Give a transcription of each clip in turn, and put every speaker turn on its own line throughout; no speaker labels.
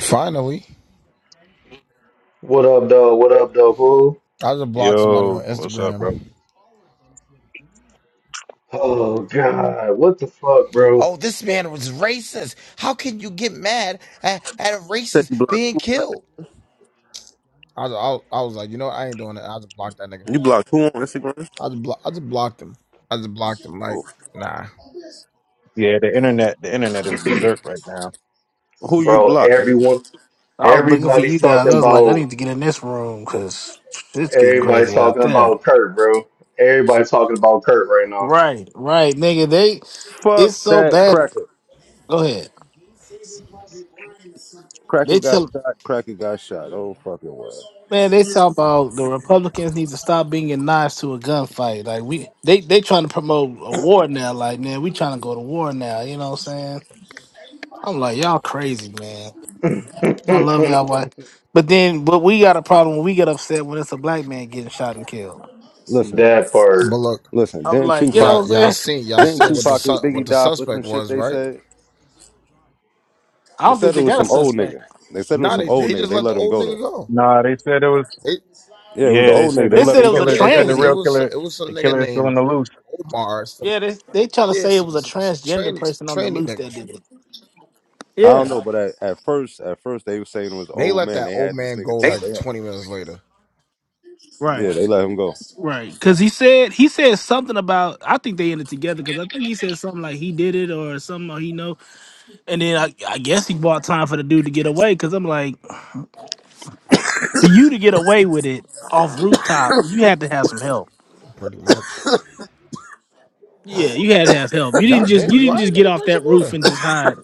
Finally,
What up, dog? What up, dog? Who?
I just blocked somebody on
Yo, what's up, bro?
Instagram.
Oh God, what the fuck, bro?
Oh, this man was racist. How can you get mad at, at a
Said
racist
you blocked
being
who?
killed? I, was- I, was- I was like, you know, what? I ain't doing it. I just blocked that nigga.
You blocked who on Instagram?
I just block. I just blocked him. I just blocked him. Like,
Who
nah.
Yeah, the internet, the internet is berserk right now.
Who you
Bro,
blocked, nigga?
everyone,
I was looking for you
everybody's
guys.
talking
I was like, I
about,
need to get in this room because it's getting
everybody's
crazy out
talking
there.
about Kurt, bro. Everybody's talking about Kurt right
Right, right, nigga. They,
Fuck
it's so
that
bad.
cracker.
Go ahead.
Cracker
They
got
tell
shot. Cracker got shot. Oh fucking well.
man, they talk about the Republicans need to stop bringing knives to a gunfight. Like we, they, they trying to promote a war now. Like man, we trying to go to war now. You know what I'm saying? I'm like y'all crazy, man.
now.
I love y'all, but But then, but we got a problem when we get upset when it's a black man getting shot and killed.
Listen,
That
But
part.
look,
listen.
I'm
Didn't
like, you know
y'all,
Tupac?
what
y'all
I'm
seen, y'all
Didn't
seen what
saying?
the
Tupac and
su- what
Biggie
the
die for some
suspect
shit
was,
they
right?
said?
I
They
don't
said
think
it
they
was
got a
some old
suspect.
nigga. They said it was
Nah,
some
they
They
old
they
nigga.
just
They
let the
let him
old
go
nigga
though.
go.
Nah, they said it was.
It,
Yeah, it was
Yeah,
an
they
old
said
nigga. They
the,
let
said
the
him
it was a
go.
killer.
yeah,
They
it
said the
was it
transy.
real
was
killer.
it was some
The
nigga
killer is still on
named
the loose.
Omar. Some
Yeah, they they trying to
yeah,
say it was
some
a
some, some
transgender
training, some
person on the
training
loose
nigga.
that did it.
I don't know,
Yeah.
but at, at first, at first they were saying it was an
They
old
let
man.
that
They
old
had this
man
nigga.
go
tied- They
like
had,
20 minutes later,
yeah,
Right,
they let him go.
right. Because he said he said something about. I think they ended together because I think he said something like he did it or something or he know. And then I, I guess he bought time for the dude to get away because I'm like, for you to get away with it off rooftop, you had to have some help.
pretty much.
Yeah, you had to have help. You didn't
God
just
damn,
you
you all
didn't
right,
just get
nigga?
off
Drink some
that roof
water.
and just hide.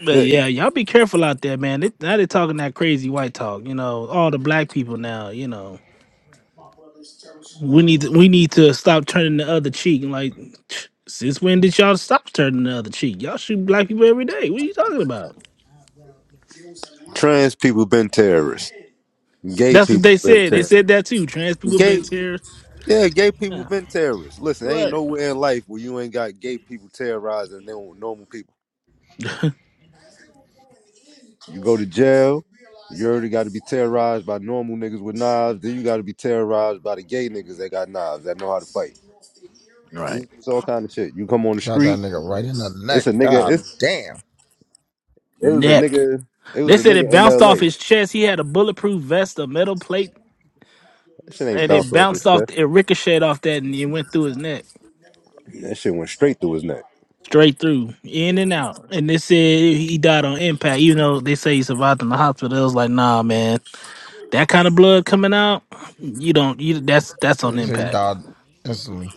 But
Shit.
yeah, y'all be careful out there, man. They, now they're talking that crazy white talk. You know, all the black people now. You know, we need to, we need to stop turning the other cheek. And like, since when did y'all stop turning the other cheek? Y'all shoot black people every day. What are you talking about?
Trans people been terrorists. Gay
That's what
people
they
been
said. They
terrorists.
said that too. Trans people
Gay,
been terrorists.
yeah, gay people
Yeah,
been terrorists. Listen, ain't
right.
nowhere in life where you ain't got gay people terrorizing their own normal people. You go to jail, you already got to be terrorized by normal niggas with knives. Then you got to be terrorized by the gay niggas that got knives that know how to fight. Yeah,
Right.
It's, all kind of shit. You come on the
Shot
street,
that nigga right in the
it's
neck.
a nigga. Mm.
God
It's
damn.
it was a
Neck.
nigga. It
They
was a
said
nigga
it
in
bounced off
L.A.
his chest. He had a bulletproof vest, a metal plate,
That shit ain't
and it
bounced off his
bounced off.
chest.
It ricocheted off that, and it went through his neck.
That shit went straight through his neck.
straight through, in and out. And they said he died on impact. Even though they say he survived in the hospital, it was like, nah, man, that kind of blood coming out, you don't. You that's that's
Yeah,
on
he said he
impact.
died instantly.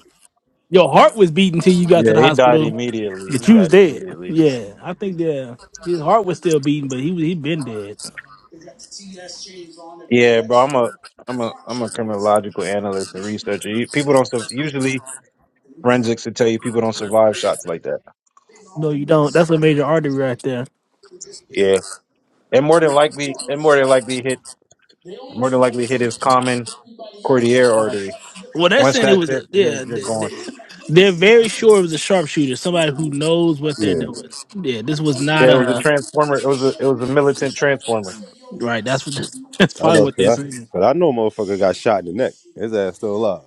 Your heart was beating till you got to
Yeah,
the
he died
hospital,
immediately. He
but you was
died
dead.
immediately.
Yeah, I think yeah, his heart was still beating, but he was- he been dead.
Yeah, bro, I'm a, I'm a, I'm a criminological analyst and researcher. You- People don't sur- usually forensics will tell you people don't survive shots like that.
No, you don't. That's a major artery right there.
Yeah, and more than likely, and more than likely hit, more than likely hit his common cordial artery.
Well, they're
Once
saying it
that,
was
hit, you're
yeah.
you're
they-
gone.
they- They're very sure it was a sharpshooter, somebody who knows what they're
Yeah,
doing. Yeah, this was
Yeah,
not
it was a
a.
transformer. It was a it was a militant transformer.
Right. That's what. That's
I
probably
know,
what
cause
they're
I,
saying.
'cause I know, a motherfucker got shot in the neck. His ass still alive.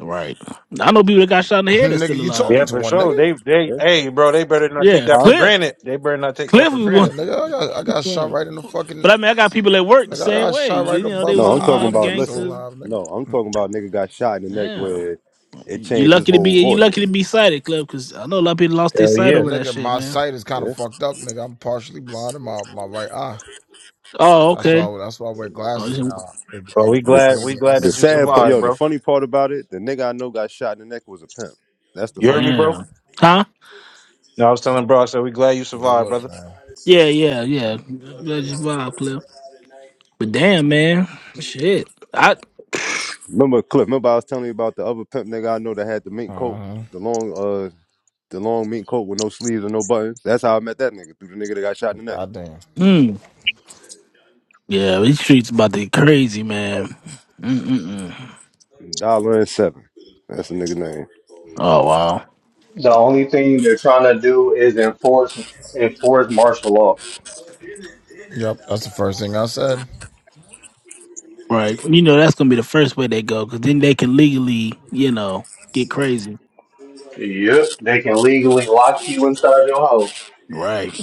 Right. I know people that got shot in the head that's
nigga,
still
you
alive.
talking
Yeah,
to
for
one,
sure.
nigga?
They they
Yeah.
hey bro, they better not take
Yeah,
that
Huh?
for
Cliff.
granted. They better not take that
Cliff
for
was
Yeah,
one.
granted.
nigga, I got, I got shot
Right.
right in the
But
fucking.
I mean, I got people at work the
Nigga, I
same
got
way.
shot
You,
right
you know, they
above
was
my
No,
in
I'm
the
eye,
talking
mob,
nigga.
about
I'm still
listen.
gangsters.
alive, nigga.
No, I'm talking about nigga got shot in the neck
Yeah.
where it
You
changed his
lucky to be
whole
you lucky to
voice.
be sighted, Cliff, because I know a lot of people lost their
Hell
sight
yeah.
over that
Nigga,
shit,
my
man.
sight is kind of
Yeah.
fucked up, nigga. I'm partially blind in my, my right eye.
Oh,
That's why
okay.
I, that's why I wear
Oh,
glasses
this-
now. It,
Well,
it,
we
it
glad
The,
gave
we
me
glad
the
that
instant
you
sad part,
survived,
yo,
stigmatism.
the
bro.
funny part about it, the nigga I know got shot in the neck was a pimp. That's the
You heard
funny
me,
part.
bro?
damn. Huh?
No, I was telling bro, I said we glad you
Good
survived, brother.
looks, man.
Yeah, yeah, yeah. That's your vibe, Cliff. But damn, man, shit. I.
Remember Cliff, remember I was telling you about the other pimp nigga I know that had the mink coat,
Uh-huh.
the long uh the long mink coat with no sleeves and no buttons. That's how I met that nigga through the nigga that got shot in the neck.
God damn.
hmm. Yeah, these streets about to be crazy, man. Mm-mm-mm.
Dollar and seven. That's the nigga name.
Oh wow.
The only thing they're trying to do is enforce enforce martial law.
Yep, that's the first thing I said.
Right. You know that's gonna be the first way they go, cause then they can legally, you know, get crazy.
Yep, they can legally lock you inside your house.
Right.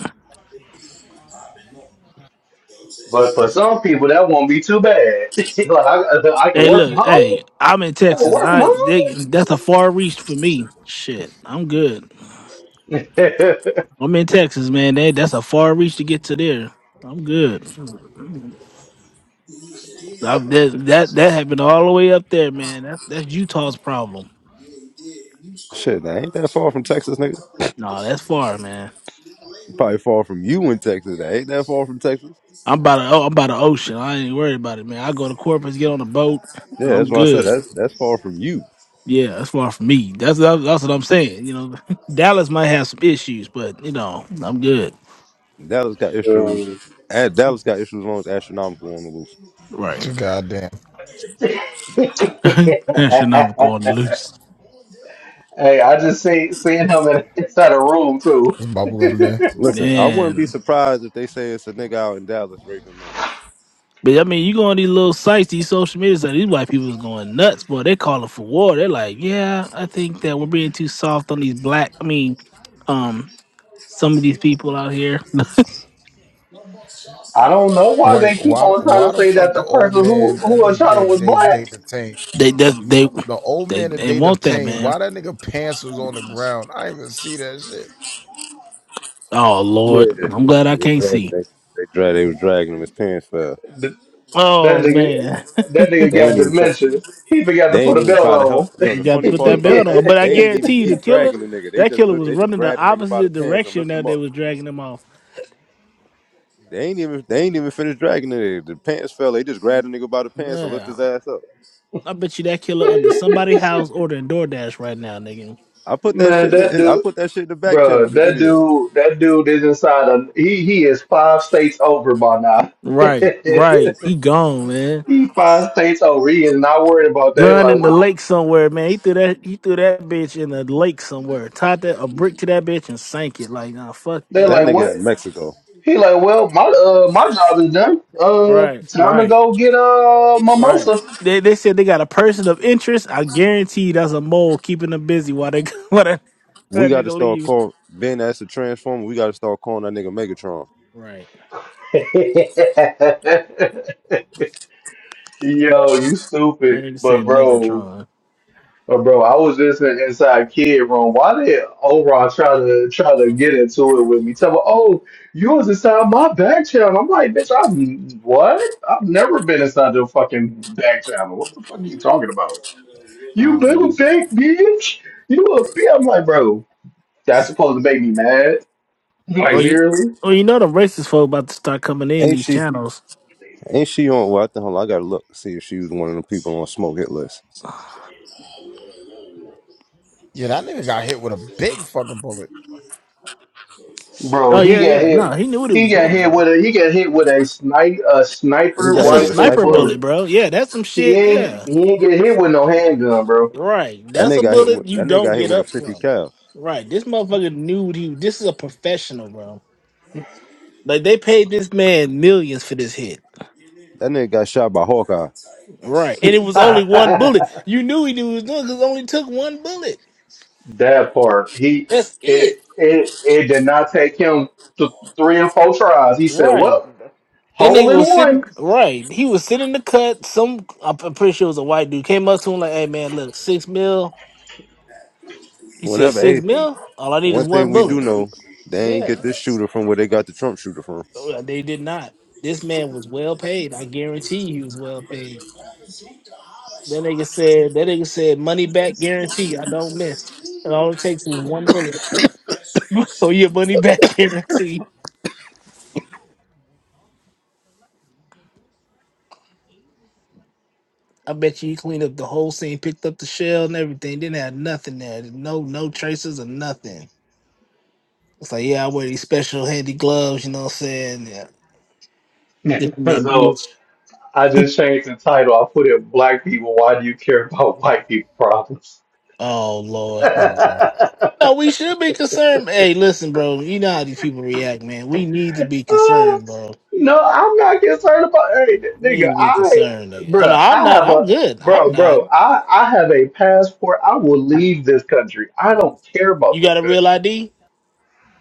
But for some people, that won't be too bad. like I, I can
Hey,
work from
look.
home.
Hey, I'm in
I can
Texas.
work from
I
home.
they, that's a far reach for me. Shit, I'm good.
Shoot. hey,
I'm in Texas, man. They, that's a far reach to get to there. I'm good. I, that that that happened all the way up there, man. That that's Utah's problem.
Shit, that ain't that far from Texas, nigga.
No, that's far, man.
Probably far from you in Texas. That ain't that far from Texas.
I'm by the oh, I'm by the ocean. I ain't worried about it, man. I go to Corpus, get on a boat.
Yeah, that's
I'm
why I said
good.
that's that's far from you.
Yeah, that's far from me. That's that's, that's what I'm saying. You know, Dallas might have some issues, but you know, I'm good.
Dallas got issues. At Dallas got issues along with astronomical on the loose.
Right.
Goddamn,
Astronomical on the loose.
I just see seeing him in, inside a room too.
it's bubblegum day.
Listen, I wouldn't be
Man.
surprised if they say it's a nigga out in Dallas raping men.
But I mean, you go on these little sites, these social media sites, these white people is going nuts, boy. They calling for war. They're like, yeah, I think that we're being too soft on these black. I mean, um, some of these people out here.
I don't know why they
Wait,
keep
why? the-
on trying to
Why the
say
fuck
that the
the old
person who
man that
who had
they
shot
they
him was
they
black.
they detained?
They that's they
The old
they
man that
they
they
want that,
detained.
man.
Why that nigga pants was on the ground? I didn't even see that shit.
Oh Lord,
Yeah,
I'm glad I
they
can't
dragged
see.
they they drag they was dragging him. His pants fell.
Th- That
Oh
nigga,
man,
that nigga
They
got
ain't even try.
dementia. He forgot to
They
put
ain't
a
even
belt
try to help.
on.
Yo,
you
the
got to
funny
put
part
that
about
belt on.
that,
But I
they ain't even
guarantee you, the
keep
killer,
dragging the nigga. They
that
just
killer
lift.
was
They just
running the
grabbed the nigga by the
opposite
pants and
direction
lift
that
him
they
up.
was dragging him off.
They ain't even. They ain't even finished dragging the nigga. The pants fell. They just grabbed the nigga by the pants and lift
Yeah,
his ass up.
I bet you that killer under somebody's house ordering DoorDash right now, nigga.
I put that
Man,
shit
that
in. I
dude,
put that shit in the back
bro,
channel. The
that
video.
dude, that dude is inside a he he is five states over by now.
Right, right. He gone, man.
He finds states over. He is not worried about that. He's
Gun
like,
in the
well,
lake somewhere, man. He threw that. He threw that bitch in the lake somewhere. Tied that a brick to that bitch and sank it. Like, nah, fuck
they're
that.
That
like, what?
nigga in Mexico.
He like, well, my uh, my job is done. Uh,
Right,
time to
right.
go get a
Right.
mimosa.
They they said they got a person of interest. I guarantee that's a mole keeping them busy while they while that,
We
while that
gotta
nigga
start
leave.
call Ben as a transformer. We gotta start calling that nigga Megatron.
Right.
Yo, you stupid.
Nigga just
But
said
bro,
Megatron.
but bro, I was just in, inside kid room. Why did Oron try to try to get into it with me? Tell me, oh, you was inside my back channel. I'm like, bitch, I'm what? I've never been inside your fucking back channel. What the fuck are you talking about?
I
You
don't
little
know.
fat bitch. You a bitch. I'm like, bro, that's supposed to make me mad. Like
Or you
seriously,
or you know the racist folk about to start coming in
Ain't
these
she?
channels.
Ain't she on? Well, I think hold on, I gotta look see if she was one of the people on smoke hit list.
Yeah, that nigga got hit with a big fucking bullet.
bro.
Oh
He
yeah,
got
yeah. No,
hit.
he knew what he
He
was
got
doing,
hit
bro.
with a. He got hit with a snipe a
He
sniper
got
That's
hit
a
with a
rifle
sniper
sniper rifle.
bullet.
bullet, bro. Yeah, that's some
He
shit.
ain't.
Yeah.
He ain't get hit with no handgun, bro.
Right.
That
That's
nigga
a
got hit
bullet
with
you
that nigga
don't
got hit
get
with a
up
fifty
from.
cal.
Right. This motherfucker knew what he this is a professional, bro. Like they paid this man millions for this hit.
That nigga got shot by Hawkeye.
Right. And it was only one bullet.
that
You knew he knew what he was doing because it only took one bullet.
part. He
That's it.
it it it did not take him to three and four tries. He said,
Right.
well,
That
hole
nigga
in
was sitting
one.
right. He was sitting in the cut. Some I'm p- pretty sure it was a white dude. Came up to him like, hey man, look, six mil. He said,
Whatever.
Six
Hey,
mil? All I need
one
is
thing
one
we do
bullet.
know, they ain't
Yeah.
get this shooter from where they got the Trump shooter from.
Oh, They did not. This man was well paid. I guarantee you he was well paid. That nigga said that nigga said money back guarantee. I don't miss. And all it takes is one bullet. oh, your money back guarantee. I bet you he cleaned up the whole scene, picked up the shell and everything, didn't have nothing there. No, no traces or nothing. It's like, yeah, I wear these special handy gloves, you know what I'm saying? Yeah. Dip 'em in
so
bleach.
I just changed the title. I put it Black People, Why Do You Care About White People Problems?
Oh Lord.
There you go.
No, we should be concerned. Hey, listen, bro, you know how these people react, man. We need to be
Uh,
concerned, bro.
no, I'm not concerned about hey n-
We
nigga,
need to be
I
concerned. nigga. Oh no,
bruh,
I'm
I
not.
have
I'm
a
good. I'm
bro,
not.
bro, I, I have a passport. I will leave this country. I don't care
You
about this
got a real
country.
ID?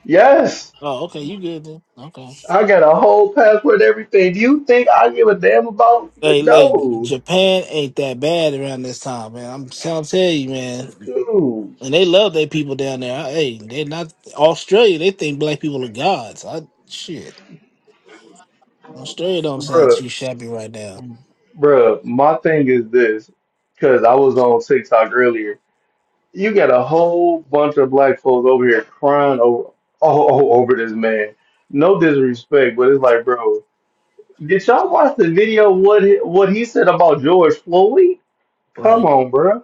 Yes.
Oh, okay, you good then. Okay.
I got a whole passport and everything. Do you think I give a damn about
Hey, look,
no.
Japan ain't that bad around this time, man. I'm trying to tell you, man.
Dude,
And they love their people down there. Hey, they not Australia. They think black people are gods. I shit. Australia don't sound too
bruh,
shabby right now.
bruh, my thing is this, because I was on TikTok earlier You got a whole bunch of black folks over here crying over oh, oh over this man. No disrespect, but it's like, bro, did y'all watch the video? What he, what he said about George Floyd? Come
Right,
on, bro.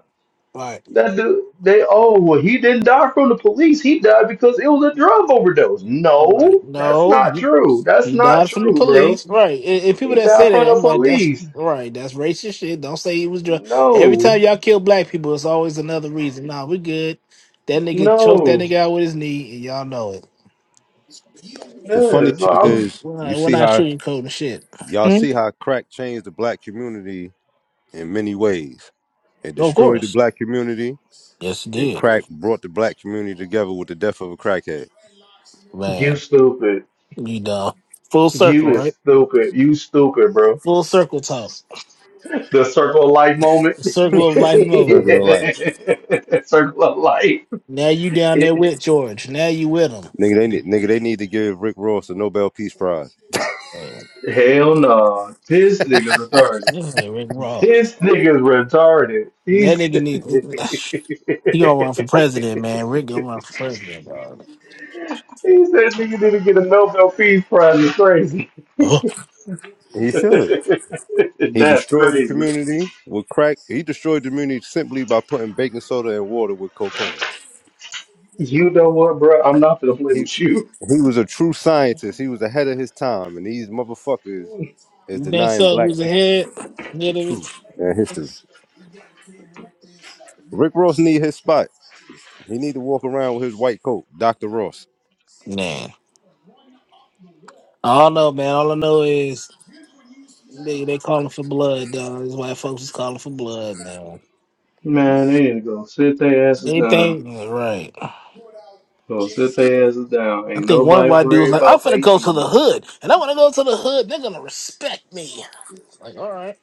right,
That dude, they oh well, he didn't die from the police. He died because it was a drug overdose.
right.
No, that's
No,
not
he,
true. That's
he
not
died from the
true, bro.
police. Right, and, and people
He
that
died
say
from
that,
the
I'm like, that's
police.
right. That's racist shit. Don't say he was drunk. Every
No,
time y'all kill black people, it's always another reason. Nah, we good. That nigga choked that
no.
nigga out with his knee, and y'all know it.
The
Yeah,
funny
so
shit
I'm
is,
We're
you
not, we're
see
not
how
sugarcoating shit.
y'all
Hmm?
see how crack changed the black community in many ways. It
Of
destroyed the
course.
black community
Yes, he
Then
did.
crack brought the black community together with the death of a crackhead.
Man.
you stupid.
You know, full
You
circle,
is
right?
stupid. You stupid, bro.
Full circle talk.
The circle of life moment.
Circle of life moment.
Circle of
right?
life.
circle of life.
Now you down there with George. Now you with
Nigga, they
him.
need, nigga, they need to give Rick Ross a Nobel Peace Prize.
Oh,
Hell no. This nigga's retarded.
Yeah, Rick Ross.
This nigga's retarded.
That
He's
nigga need. He gonna run for president, man. Rick gonna run for president, dog.
He said nigga didn't get a Nobel Peace Prize. It's crazy.
Oh,
He should. He
That's
destroyed the
crazy.
community with crack. He destroyed the community simply by putting baking soda and water with cocaine.
You know what, bro? I'm not gonna play
He
with you.
he was a true scientist. He was ahead of his time, and these motherfuckers is
You think
denying
so? Who's
black people
ahead?
the
Ahead of
truth
us?
and history. Rick Ross need his spot. He need to walk around with his white coat, Dr. Ross.
Nah. I don't know, man. All I know is they they calling for blood, dog. These white folks is calling for blood, man.
Man, they need to go sit their asses down.
Anything right?
Gonna sit their asses down.
I
Ain't
think one
nobody
white dude was
worried
like, I'm
about
finna
they
go to the
shit.
hood, and I wanna go to the hood, they're gonna respect me. It's Like, all right.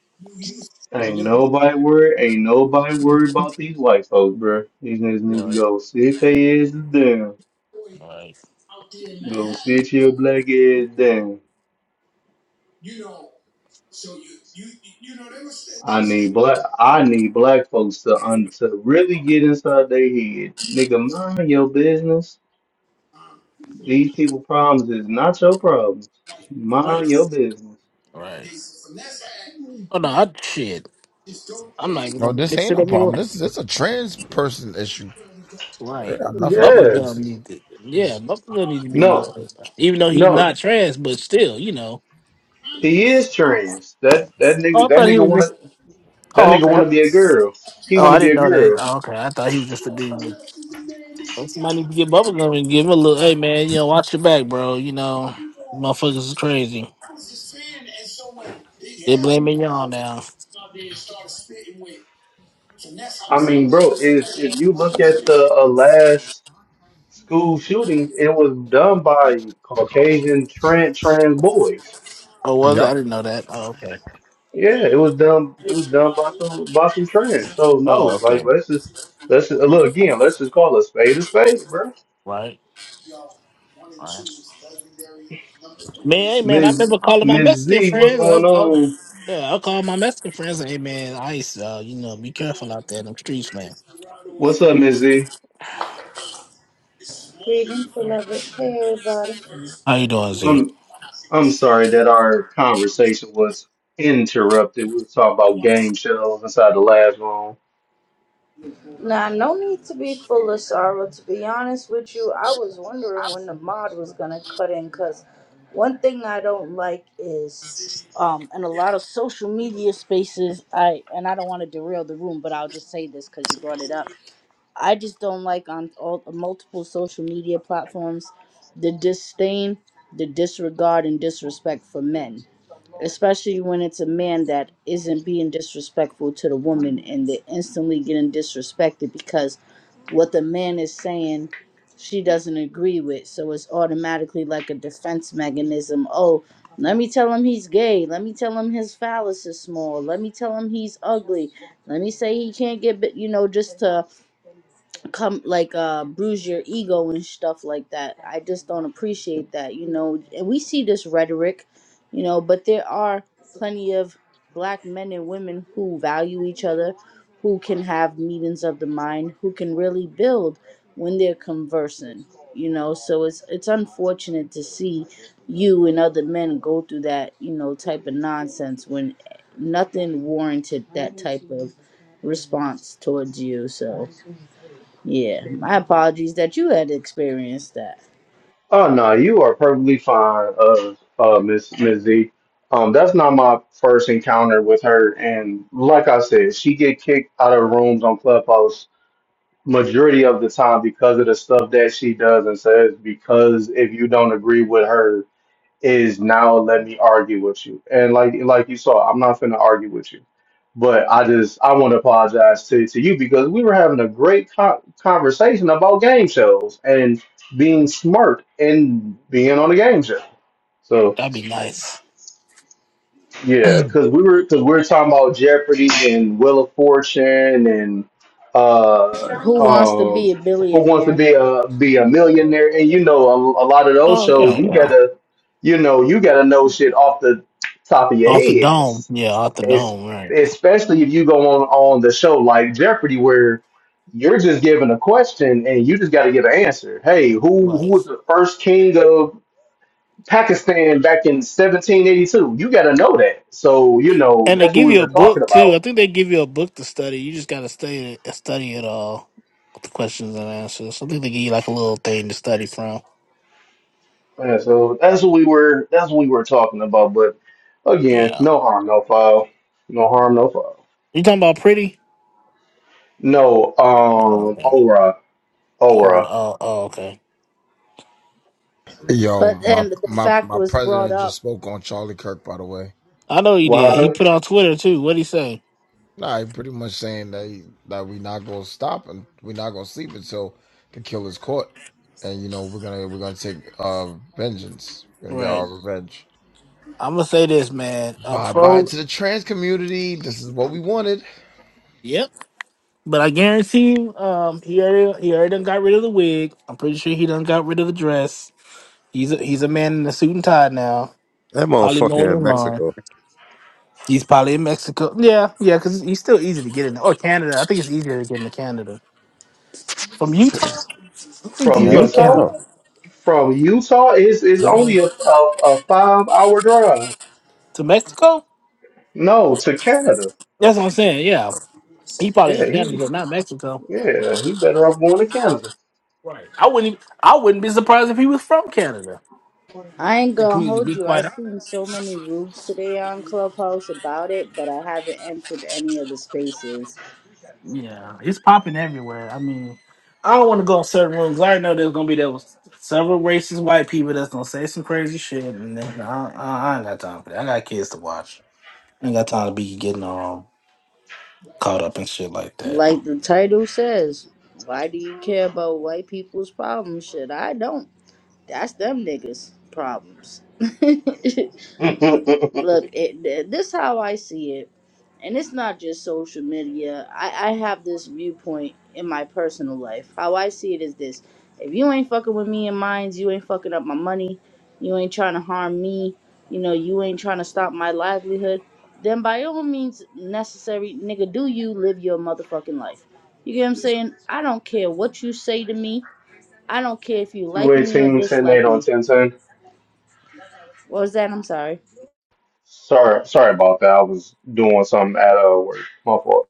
Ain't nobody worried. Ain't nobody worried
Right,
about these white folks, bro. These niggas need to go sit their asses down. Go sit your black ass down. I need black. I need black folks to un, to really get inside their head, nigga. Mind your business. These people' problems is not your problems.
right,
Mind
right,
your business.
right. Oh no, I shit. I'm not even
No,
gonna make
this
this
ain't
shit
no
up
problem.
anyway.
This is this a trans person issue. It
Right.
got nothing to do
Bubba
with
Yeah.
Gum
this.
needs to yeah, Bubba Gum needs to be more
No.
worried about. it. Even though he's
No.
not trans, but still, you know.
He is trans. That that
Oh,
nigga.
I
That
thought he
nigga
was
wanna.
just
That
oh
nigga
okay.
want to be a girl. He
Oh,
want to
I
be
didn't
a
know that.
girl.
Oh, okay. I thought he was just a dude. Well, Somebody need to get bubble gum and give him a little. Hey man, you know, watch your back, bro. You know, motherfuckers is crazy. They blaming y'all now.
I mean, bro, if if you look at the uh, last school shooting, it was done by Caucasian trans trans boys.
Oh, was it? I didn't know that. Oh, okay.
Yeah, it was done. It was done by some by some trans. So
Oh,
no, like
okay.
let's just let's just, look again. Let's just call a spade a spade, bro.
Right. Right. Man, hey man, I
Ms.
remember calling my
Ms.
Mexican
Z, what's
friends.
going
I, oh,
on?
yeah, I called my Mexican friends. Hey man, ice. Uh, you know, be careful out there in them streets, man.
What's up, Ms. Z?
Greetings, beloved. Hey, everybody.
How you doing, Z?
Um, I'm sorry that our conversation was interrupted. We were talking about game shows inside the last room.
Now, no need to be full of sorrow. To be honest with you, I was wondering when the mod was gonna cut in, cause one thing I don't like is, um, in a lot of social media spaces, I and I don't want to derail the room, but I'll just say this because you brought it up. I just don't like on all multiple social media platforms the disdain, the disregard, and disrespect for men. especially when it's a man that isn't being disrespectful to the woman and they're instantly getting disrespected because what the man is saying she doesn't agree with so it's automatically like a defense mechanism oh let me tell him he's gay let me tell him his phallus is small let me tell him he's ugly let me say he can't get bit you know just to come like uh bruise your ego and stuff like that. I just don't appreciate that, you know. And we see this rhetoric, you know, but there are plenty of black men and women who value each other, who can have meetings of the mind, who can really build when they're conversing, you know. So it's it's unfortunate to see you and other men go through that, you know, type of nonsense when nothing warranted that type of response towards you. So yeah, my apologies that you had experienced that.
Oh no, you are perfectly fine, uh, uh, Miss Miss Z. Um, that's not my first encounter with her, and like I said, she get kicked out of rooms on Clubhouse majority of the time because of the stuff that she does and says. Because if you don't agree with her, is now let me argue with you. And like like you saw, I'm not finna argue with you. But I just I want to apologize to, to you because we were having a great co- conversation about game shows and being smart and being on a game show. So,
That'd be nice.
yeah, because we were because we were talking about Jeopardy and Wheel of Fortune and uh
Who wants to
um
be a
Who Wants to
billionaire?
Be a Be a Millionaire and you know a, a lot of those
Oh
shows
yeah,
you
yeah.
gotta you know you gotta know shit off the top of your
Off the
head.
dome,
It's,
yeah, off the
it's
dome, right?
especially if you go on on the show like Jeopardy where you're just given a question and you just got to give an answer. Hey, who who was
Right.
the first king of Pakistan back in 1782. You got to know that. So you know
And they
that's what
give
we
you a
were talking
book too. I
about.
think they give you a book to study. You just gotta study it, study it all, the questions and answers. I think they give you like a little thing to study from.
Yeah, so that's what we were that's what we were talking about. But again,
Yeah.
no harm, no foul. No harm, no foul.
You talking about pretty?
No,
Oh,
um,
okay.
Aura,
Oh, right.
Aura.
oh, oh, okay.
Yo,
But
my
then the
my
fact
my
was brought
president just
up.
spoke on Charlie Kirk. By the way.
I know he
What
did. He
happened
put on Twitter too. What'd he say?
Nah, he pretty much saying that he, that we not gonna stop and we're not gonna sleep until the killer's caught, and you know we're gonna we're gonna take uh vengeance. We're gonna get
Right.
our revenge.
I'm gonna say this, man. A
Bye bye
pro.
to the trans community. This is what we wanted.
Yep. But I guarantee you, um, he already he already done got rid of the wig. I'm pretty sure he done got rid of the dress. He's a, he's a man in a suit and tie now.
That
Probably mowing
motherfucker
his
in
lawn.
Mexico.
He's probably in Mexico. Yeah, yeah, because he's still easy to get in. Or Canada. I think it's easier to get into Canada. From Utah, I think
from
you go to
Utah?
Hell
Canada.
From Utah is
no.
is only a, a, a five hour drive.
To Mexico?
No, to Canada.
That's what I'm saying. Yeah. He probably
Yeah,
in
he
Canada, not Mexico.
yeah he better off going to Canada.
Right. I wouldn't even, I wouldn't be surprised if he was from Canada.
I ain't
To
gonna
be to
hold
be
you. i
quite honest.
seen so many rooms today on Clubhouse about it, but I haven't entered any of the spaces.
Yeah. It's popping everywhere. I mean, I don't want to go in certain rooms. I already know there's gonna be there was several racist white people that's gonna say some crazy shit and then I, I, I ain't got time for that. I got kids to watch. I ain't got time to be getting on. caught up in shit like that.
Like the title says, why do you care about white people's problems? Shit, I don't. That's them niggas' problems. Look, it, this how I see it. and it's not just social media. I, I have this viewpoint in my personal life. How I see it is this if you ain't fucking with me and mines, you ain't fucking up my money, you ain't trying to harm me, you know, you ain't trying to stop my livelihood, then by all means necessary, nigga, do you live your motherfucking life? You get what I'm saying? I don't care what you say to me. I don't care if you
Two
like me or
eighteen ten eight
dislike
on
me.
ten ten.
What was that? I'm sorry.
Sorry, sorry about that. I was doing something at uh, work. My fault.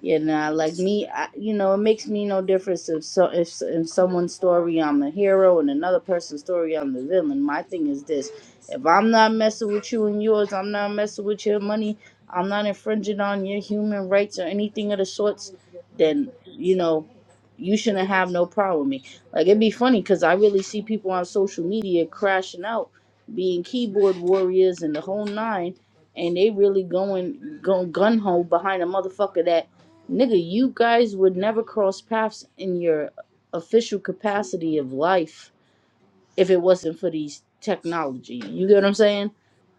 Yeah, nah, like me, I, you know, it makes me no difference if so if in someone's story I'm the hero and another person's story I'm the villain. My thing is this: if I'm not messing with you and yours, I'm not messing with your money, I'm not infringing on your human rights or anything of the sorts, then you know, you shouldn't have no problem with me. Like it'd be funny because I really see people on social media crashing out, being keyboard warriors and the whole nine, and they really going going gun ho behind a motherfucker that Nigga, you guys would never cross paths in your official capacity of life if it wasn't for these technology. You get what I'm saying?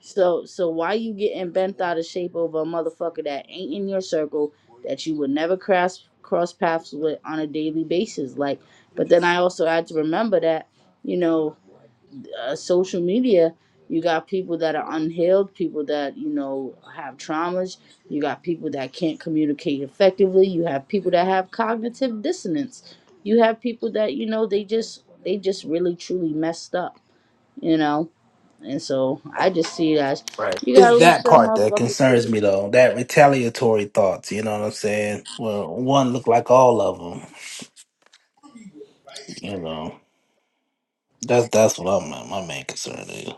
So so why you getting bent out of shape over a motherfucker that ain't in your circle that you would never cross cross paths with on a daily basis? Like but then I also had to remember that, you know, uh, social media, you got people that are unhealed, people that you know have traumas. You got people that can't communicate effectively. You have people that have cognitive dissonance. You have people that you know they just they just really truly messed up, you know. And so I just see it as
Right.
you gotta
It's
leave
that
some
part that
motherfuckers to. The,
concerns me though. That retaliatory thoughts. You know what I'm saying? Well, one look like all of them. You know, that's that's what I'm my main concern is.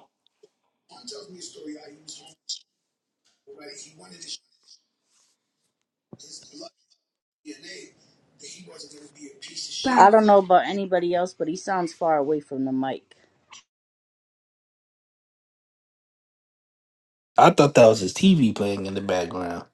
I don't know about anybody else, but he sounds far away from the mic.
I thought that was his TV playing in the background,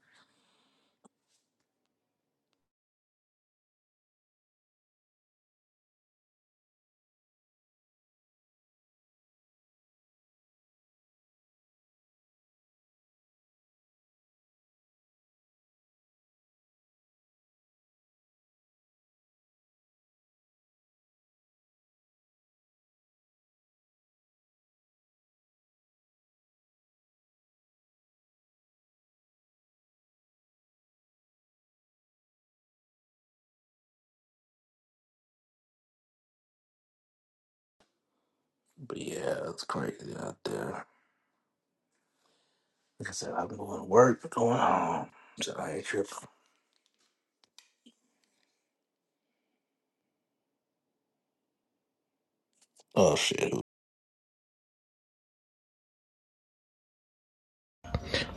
but yeah, it's crazy out there. Like I said, I'm going to work, going home, so I ain't tripping. Oh shit!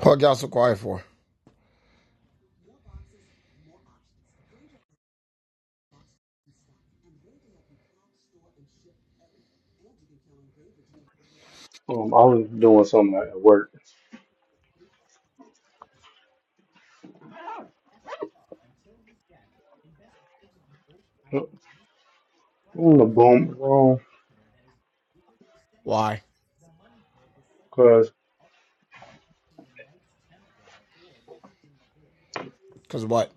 What y'all so quiet for?
Um, I was doing something at work. Mm, I'm gonna boom
Why?
room
Cause what?